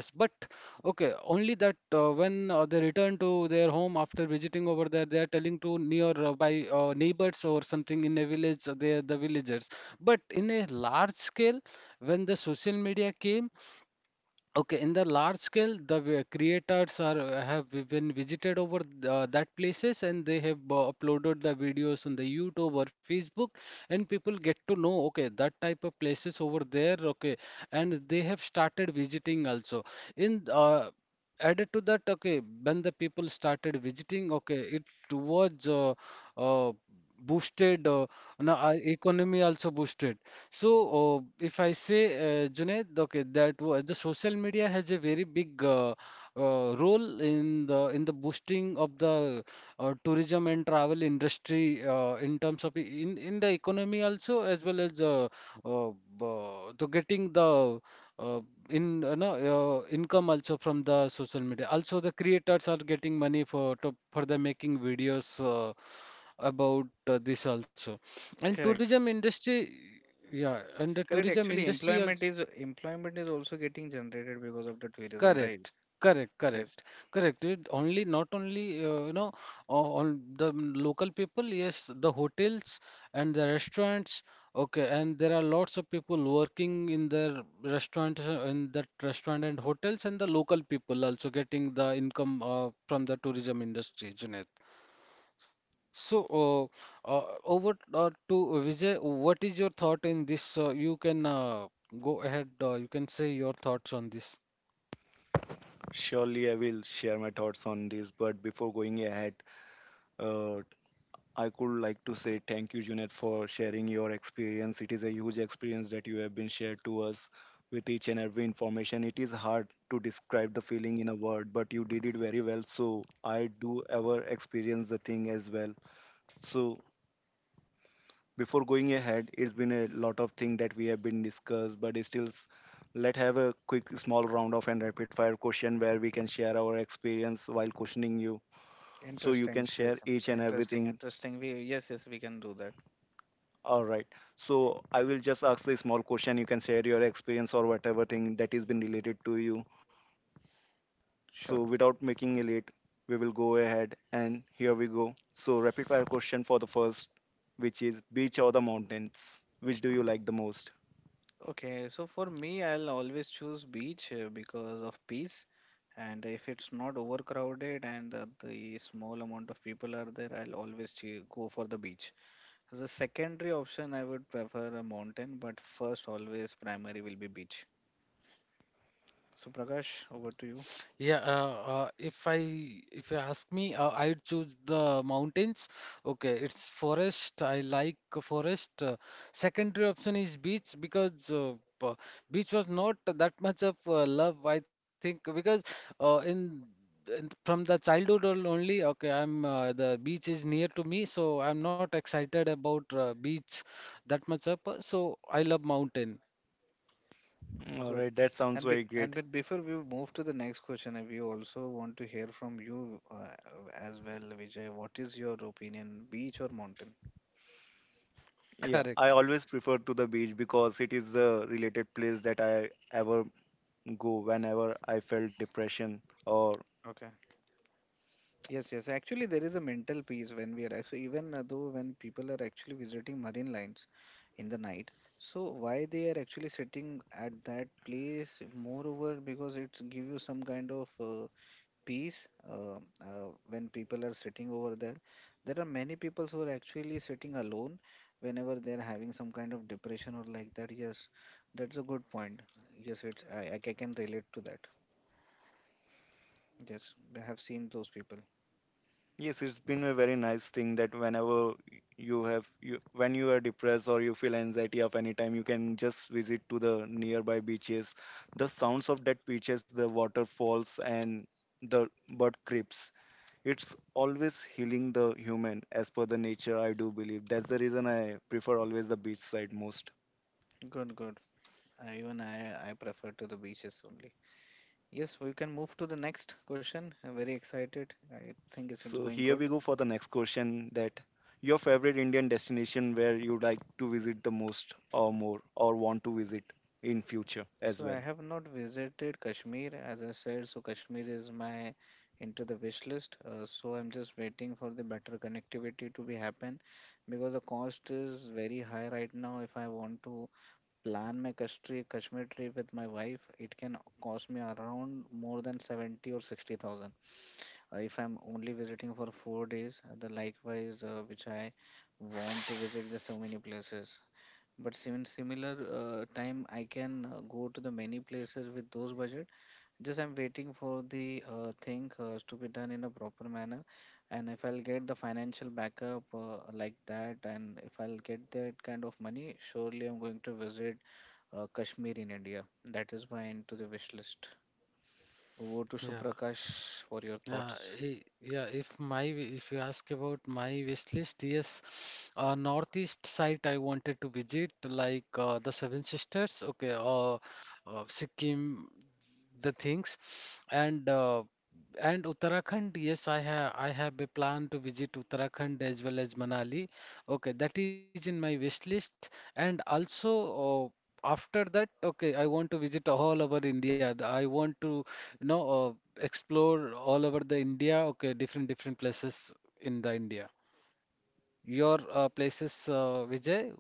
A: okay only that when they return to their home after visiting over there, they are telling to near by neighbors or something in a village, they are the villagers. But in a large scale, when the social media came. Okay, in the large scale, the creators are been visited over that places, and they have uploaded the videos on the YouTube or Facebook, and people get to know, okay, that type of places over there. Okay, and they have started visiting also. In Added to that, okay, when the people started visiting, okay, it was uh, boosted. Now, our economy also boosted. So, if I say, Junaid, okay, the social media has a very big role in the boosting of the tourism and travel industry in terms of in the economy also, as well as uh, to getting the uh, in no, income also from the social media. Also, the creators are getting money for the making videos. About this also. And
B: Correct.
A: tourism industry, yeah, and the
B: Correct.
A: tourism
B: Actually,
A: industry also
B: employment is also getting generated because of the tourism, right?
A: correct, correct,
B: Yes.
A: correct, correct. It only not only you know on the local people, yes, the hotels and the restaurants. Okay, and there are lots of people working in their restaurants, in that restaurant and hotels, and the local people also getting the income from the tourism industry, Junaid. So, over to Vijay, what is your thought in this? You can go ahead, you can say your thoughts on this.
C: Surely I will share my thoughts on this, but before going ahead, uh, I could like to say thank you, Junet, for sharing your experience. It is a huge experience that you have been shared to us with each and every information. It is hard to describe the feeling in a word, but you did it very well. So I do ever experience the thing as well. So before going ahead, it's been a lot of things that we have been discussed, but it's still let have a quick small round of and rapid fire question where we can share our experience while questioning you. So you
B: Interesting.
C: can share
B: Yes.
C: each and
B: Interesting.
C: everything.
B: Interesting. We, yes, yes, we can do that.
C: All right. So I will just ask a small question. You can share your experience or whatever thing that is been related to you. So
B: Sure.
C: without making it late, we will go ahead and here we go. So rapid fire question for the first, which is beach or the mountains? Which do you like the most?
B: Okay. So for me, I'll always choose beach because of peace, and if it's not overcrowded and the small amount of people are there, I'll always go for the beach. As a secondary option, I would prefer a mountain, but first, always primary will be beach. So, Prakash, over to you.
A: Yeah, if I if you ask me, I'd choose the mountains. Okay, it's forest. I like a forest. Secondary option is beach because beach was not that much of love, I think, because uh, in, in from the childhood only. Okay, I'm the beach is near to me, so I'm not excited about beach that much up. So I love mountain.
C: All
B: Good.
C: right, that sounds
B: And be,
C: very
B: and
C: great.
B: But before we move to the next question, we also want to hear from you as well, Vijay. What is your opinion, beach or mountain?
C: Yeah,
A: Correct.
C: I always prefer to the beach because it is the related place that I ever go whenever I felt depression or.
B: Okay. Yes, yes. Actually, there is a mental peace when we are actually, even though when people are actually visiting marine lines in the night, so why they are actually sitting at that place? Moreover, because it's give you some kind of peace when people are sitting over there. There are many people who are actually sitting alone whenever they're having some kind of depression or like that. Yes, that's a good point. Yes, it's I can relate to that. Yes, I have seen those people.
C: Yes, it's been a very nice thing that whenever you have you when you are depressed or you feel anxiety of any time, you can just visit to the nearby beaches. The sounds of that beaches, the waterfalls and the bird creeps. It's always healing the human as per the nature. I do believe that's the reason I prefer always the beach side most.
B: Good, good. I prefer to the beaches only. Yes, we can move to the next question. I'm very excited. I think it's
C: So
B: going
C: here
B: good.
C: we go for the next question, that your favorite Indian destination where you like to visit the most or more, or want to visit in future as
B: So I
C: well.
B: have not visited Kashmir, as I said. So Kashmir is my into the wish list. So I'm just waiting for the better connectivity to be happen, because the cost is very high right now. If I want to plan my Kashmir trip with my wife, it can cost me around more than 70 or 60,000. If I'm only visiting for 4 days, the likewise which I want to visit the so many places, but similar time, I can go to the many places with those budget. Just I'm waiting for the thing to be done in a proper manner. And if I'll get the financial backup like that, and if I'll get that kind of money, surely I'm going to visit Kashmir in India. That is my end to the wish list. Over to
A: Yeah.
B: Suprakash for your
A: Yeah,
B: thoughts.
A: yeah. If you ask about my wish list, yes, northeast side I wanted to visit, like the Seven Sisters, okay, Sikkim, the things, and uh, and Uttarakhand. Yes, I have a plan to visit Uttarakhand as well as Manali. Okay, that is in my wish list, and also. Uh, After that, okay, I want to visit all over India. I want to, you know, explore all over the India. Okay, different different places in the India. Your places, Vijay?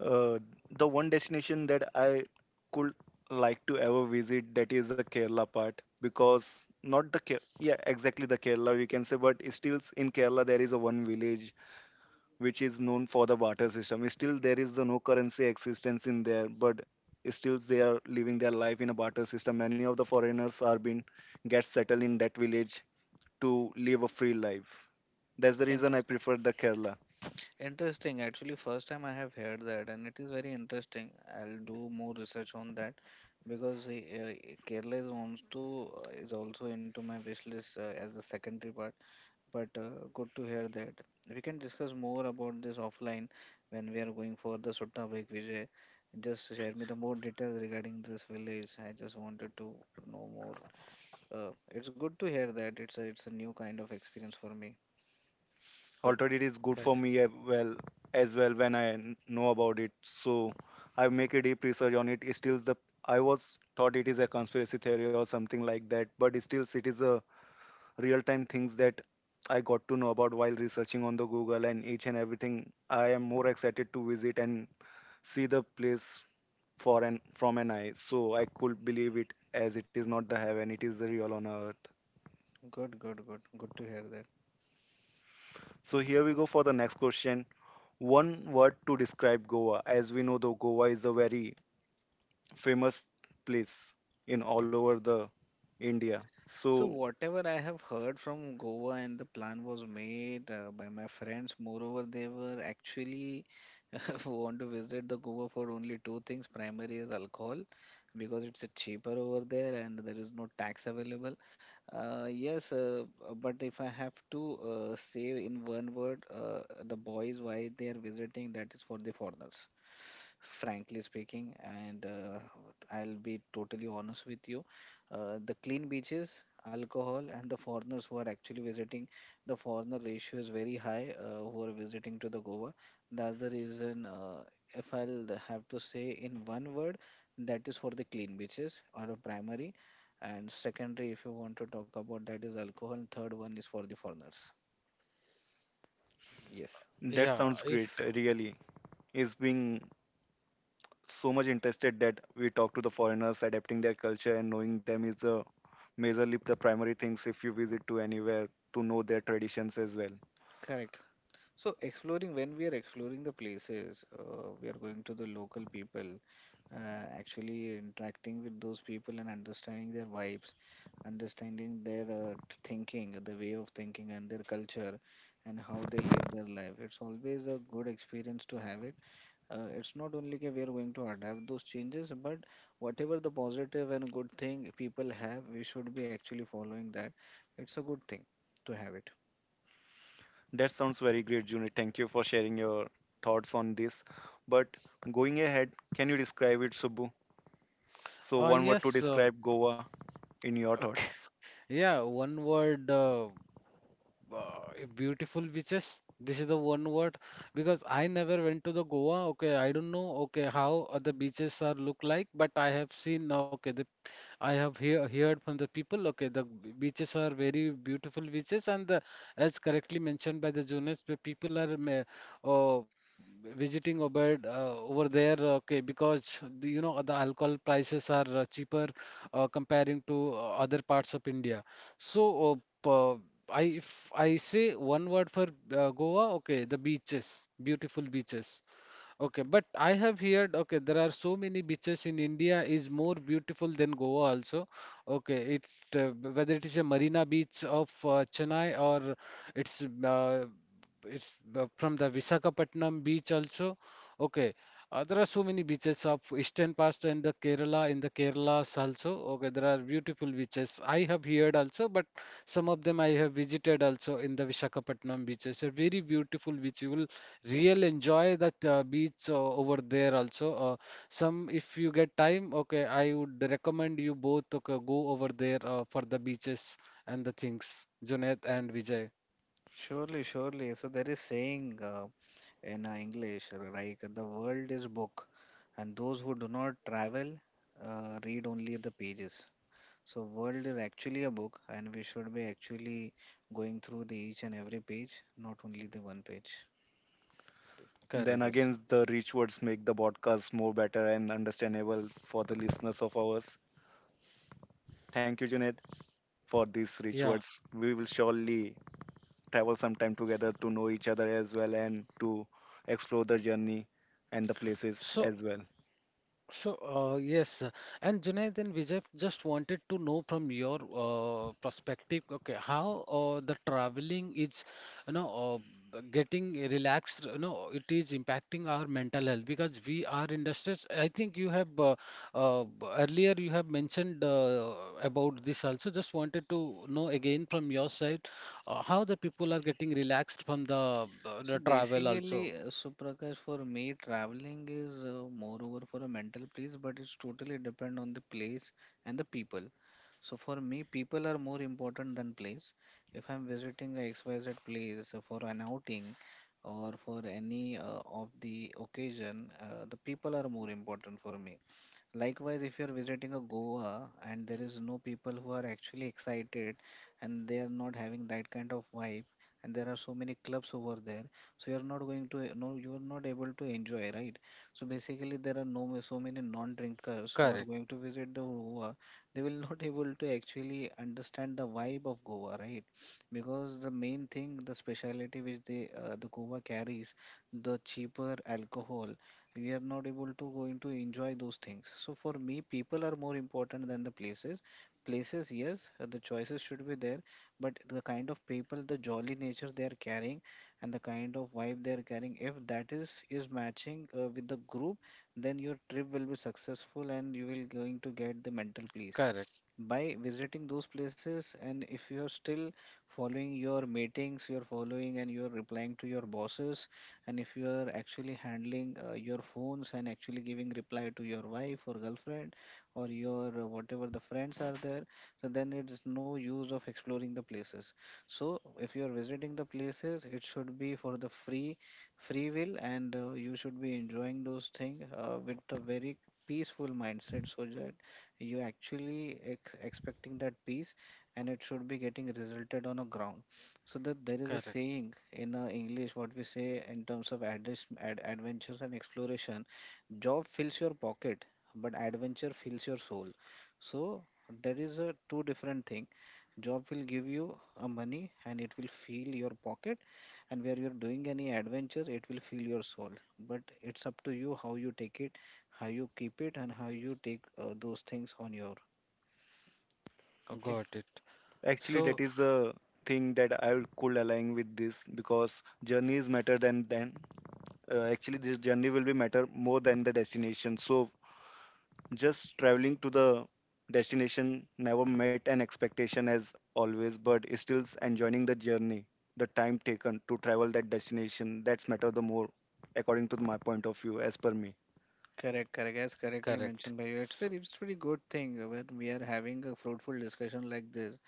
C: Uh, the one destination that I could like to ever visit, that is the Kerala part, because not the Ke- yeah, exactly the Kerala, we can say. But still, in Kerala there is a one village which is known for the barter system. Still, there is the no currency existence in there, but still they are living their life in a barter system. Many of the foreigners are been get settled in that village to live a free life. That's the reason I
B: Interesting.
C: prefer the Kerala.
B: Interesting. Actually, first time I have heard that, and it is very interesting. I'll do more research on that, because Kerala is also into my wish list as a secondary part. But good to hear that. We can discuss more about this offline when we are going for the Sutta Bhai Vijay. Just share me the more details regarding this village. I just wanted to know more. It's good to hear that. It's a new kind of experience for me.
C: Although
B: Good,
C: it is good for
A: Correct.
C: me as well when I know about it, so I make a deep research on it. Still, the I was thought it is a conspiracy theory or something like that, but still, it is a real time things that I got to know about while researching on the Google and each and everything. I am more excited to visit and see the place for an from an eye. So I could believe it as it is not the heaven, it is the real on earth.
B: good, good, good. Good to hear that.
C: So here we go for the next question. One word to describe Goa. As we know, though Goa is a very famous place in all over the India.
B: So
C: So
B: whatever I have heard from Goa and the plan was made by my friends, moreover, they were actually want to visit the Cuba for only two things. Primary is alcohol because it's cheaper over there and there is no tax available. Uh, yes, uh, but if I have to say in one word, the boys why they are visiting, that is for the foreigners. Frankly speaking, and I'll be totally honest with you. The clean beaches, alcohol, and the foreigners who are actually visiting, the foreigner ratio is very high who are visiting to the Goa, that's the reason. If I'll have to say in one word, that is for the clean beaches or a primary, and secondary, if you want to talk about that, is alcohol, and third one is for the foreigners. Yes,
C: that
A: Yeah.
C: sounds great,
A: If
C: really. Is being so much interested that we talk to the foreigners, adapting their culture and knowing them is the majorly the primary things if you visit to anywhere to know their traditions as well.
B: correct. So, exploring when we are exploring the places, we are going to the local people, actually interacting with those people and understanding their vibes, understanding their thinking, the way of thinking, and their culture, and how they live their life. It's always a good experience to have it. It's not only that we are going to adapt those changes, but whatever the positive and good thing people have, we should be actually following that. It's a good thing to have it.
C: That sounds very great, Juni. Thank you for sharing your thoughts on this. But going ahead, can you describe it, Subbu? So one word to
A: yes.
C: describe Goa in your
A: Okay.
C: thoughts.
A: Yeah. One word. Beautiful beaches. This is the one word, because I never went to the Goa. Okay, I don't know. Okay, how other beaches are look like, but I have seen. Okay, the heard from the people. Okay, the beaches are very beautiful beaches, and the, as correctly mentioned by the Jonas, the people are uh, visiting over there. Okay, because the, you know the alcohol prices are cheaper comparing to other parts of India. So. Uh, I if I say one word for Goa, okay, the beaches, beautiful beaches. Okay, but I have heard, okay, there are so many beaches in India is more beautiful than Goa also. Okay, it uh, whether it is a Marina Beach of Chennai, or it's uh, it's from the Visakhapatnam beach also. Okay, there are so many beaches of Eastern Past and the Kerala in the Kerala's also. Okay, there are beautiful beaches. I have heard also, but some of them I have visited also in the Visakhapatnam beaches. A very beautiful beach. You will real enjoy that beach over there also. Some, if you get time, okay, I would recommend you both to go over there for the beaches and the things. Junaid and Vijay.
B: Surely, surely. So there is saying, in English, like the world is book, and those who do not travel read only the pages. So world is actually a book, and we should be actually going through the each and every page, not only the one page. This-
A: Correct.
C: Then
B: yes.
C: again, the rich words make the podcast more better and understandable for the listeners of ours. Thank you, Junaid, for these rich
A: Yeah.
C: words. We will surely travel some time together to know each other as well and to explore the journey and the places
A: So
C: as well.
A: so, yes, and Junaid and Vijay, just wanted to know from your perspective, okay, how the traveling is, you know, getting relaxed, you know, it is impacting our mental health because we are in the stress. I think you have earlier you have mentioned about this also. Just wanted to know again from your side how the people are getting relaxed from
B: So
A: the travel also.
B: basically, Suprakash, for me, traveling is moreover for a mental peace, but it's totally depend on the place and the people. So for me, people are more important than place. If I'm visiting a XYZ place for an outing or for any of the occasion, the people are more important for me. Likewise, if you're visiting a Goa and there is no people who are actually excited and they are not having that kind of vibe, and there are so many clubs over there, so you're not going to no, you are not able to enjoy, right? So basically, there are no so many non-drinkers who are
A: Correct,
B: going to visit the Goa. They will not able to actually understand the vibe of Goa, right? Because the main thing, the speciality which the Goa carries, the cheaper alcohol we are not able to going to enjoy those things. So for me people are more important than the places. Places, yes, the choices should be there, but the kind of people, the jolly nature they are carrying and the kind of vibe they are carrying, if that is matching with the group, then your trip will be successful and you will going to get the mental
A: correct,
B: peace by visiting those places. And if you are still following your meetings, you're following and you're replying to your bosses, and if you are actually handling your phones and actually giving reply to your wife or girlfriend or your whatever the friends are there, so then it's no use of exploring the places. So if you are visiting the places, it should be for the free will, and you should be enjoying those things with a very peaceful mindset, so that you actually expecting that peace, and it should be getting resulted on a ground. So that there is a
A: correct.
B: saying in English, what we say in terms of adventures and exploration: job fills your pocket, but adventure fills your soul. So there is a two different thing. Job will give you a money and it will fill your pocket, and where you're doing any adventure, it will fill your soul. But it's up to you how you take it, how you keep it, and how you take those things on your. Okay,
A: Got it.
C: Actually,
A: So.
C: that is the thing that I could align with this because journeys matter than actually this journey will be matter more than the destination. So just traveling to the destination never met an expectation as always, but it's still enjoying the journey, the time taken to travel that destination, that's matter the more, according to my point of view, as per me.
B: correct, correct. As correctly
A: Correct.
B: mentioned by you, it's
A: So,
B: it's very good thing when we are having a fruitful discussion like this.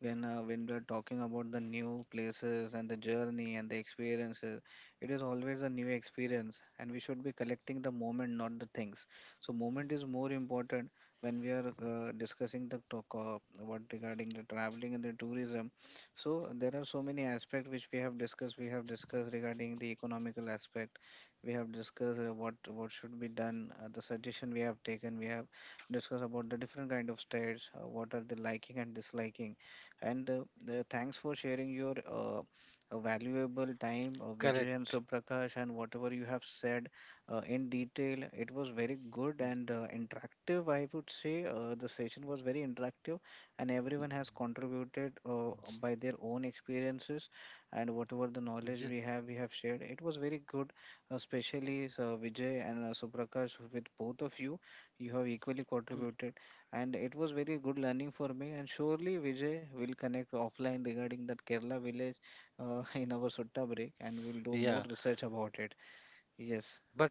B: When we're talking about the new places and the journey and the experiences, it is always a new experience, and we should be collecting the moment not the things. So moment is more important when we are discussing the talk what regarding the traveling and the tourism. So there are so many aspects which we have discussed. We have discussed regarding the economical aspect, we have discussed what should be done, the suggestion we have taken. We have discussed about the different kind of states, what are the liking and disliking, and thanks for sharing your valuable time, Vijay and
A: correct.
B: Suprakash, and whatever you have said in detail. It was very good and interactive, I would say. The session was very interactive, and everyone has contributed
A: S-
B: by their own experiences, and whatever the knowledge
A: j-
B: we have shared. It was very good, especially Vijay and Suprakash, with both of you. You have equally
A: um,
B: contributed, and it was very good learning for me. And surely Vijay will connect offline regarding that Kerala village in our Sutta break, and we will do more
A: yeah,
B: research about it. Yes,
A: but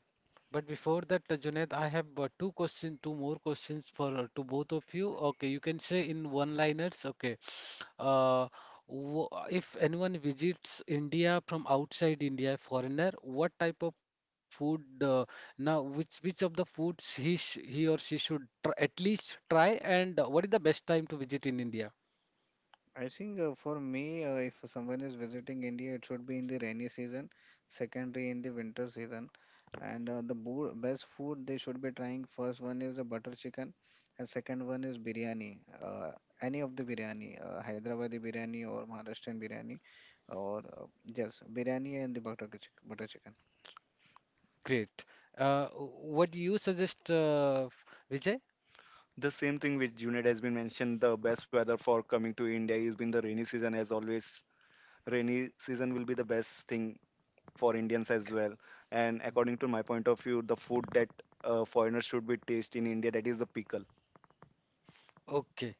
A: but before that, Junaid, I have two questions, two more questions for to both of you. Okay, you can say in one-liners. Okay, uh, w if anyone visits India from outside India, foreigner, what type of food? Now, which of the foods he or she should tr at least try, and what is the best time to visit in India?
B: I think for me, if someone is visiting India, it should be in the rainy season, secondary in the winter season. And the best food they should be trying, first one is the butter chicken, and second one is biryani. Uh, any of the biryani, Hyderabadi biryani or Maharashtrian biryani, or yes, biryani and the butter chicken.
A: Great. What do you suggest, Vijay?
C: The same thing which Junaid has been mentioned, the best weather for coming to India is been the rainy season as always. Rainy season will be the best thing for Indians as well. And according to my point of view, the food that foreigners should be taste in India, that is the pickle.
A: Okay,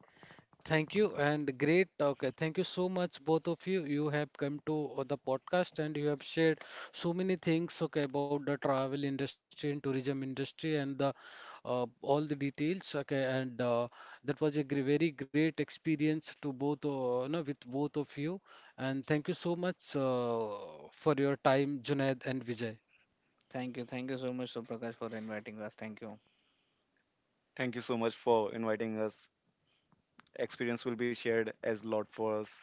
A: thank you and great. Okay, thank you so much, both of you. You have come to the podcast and you have shared so many things. Okay, about the travel industry and tourism industry and the all the details. Okay, and that was a very great experience to both, you know, with both of you. And thank you so much for your time, Junaid and Vijay.
B: Thank you so much, Suprakash, for inviting us. Thank you.
C: Thank you so much for inviting us. Experience will be shared as lot for us.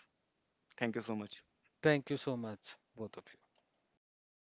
C: Thank you so much.
A: Thank you so much, both of you.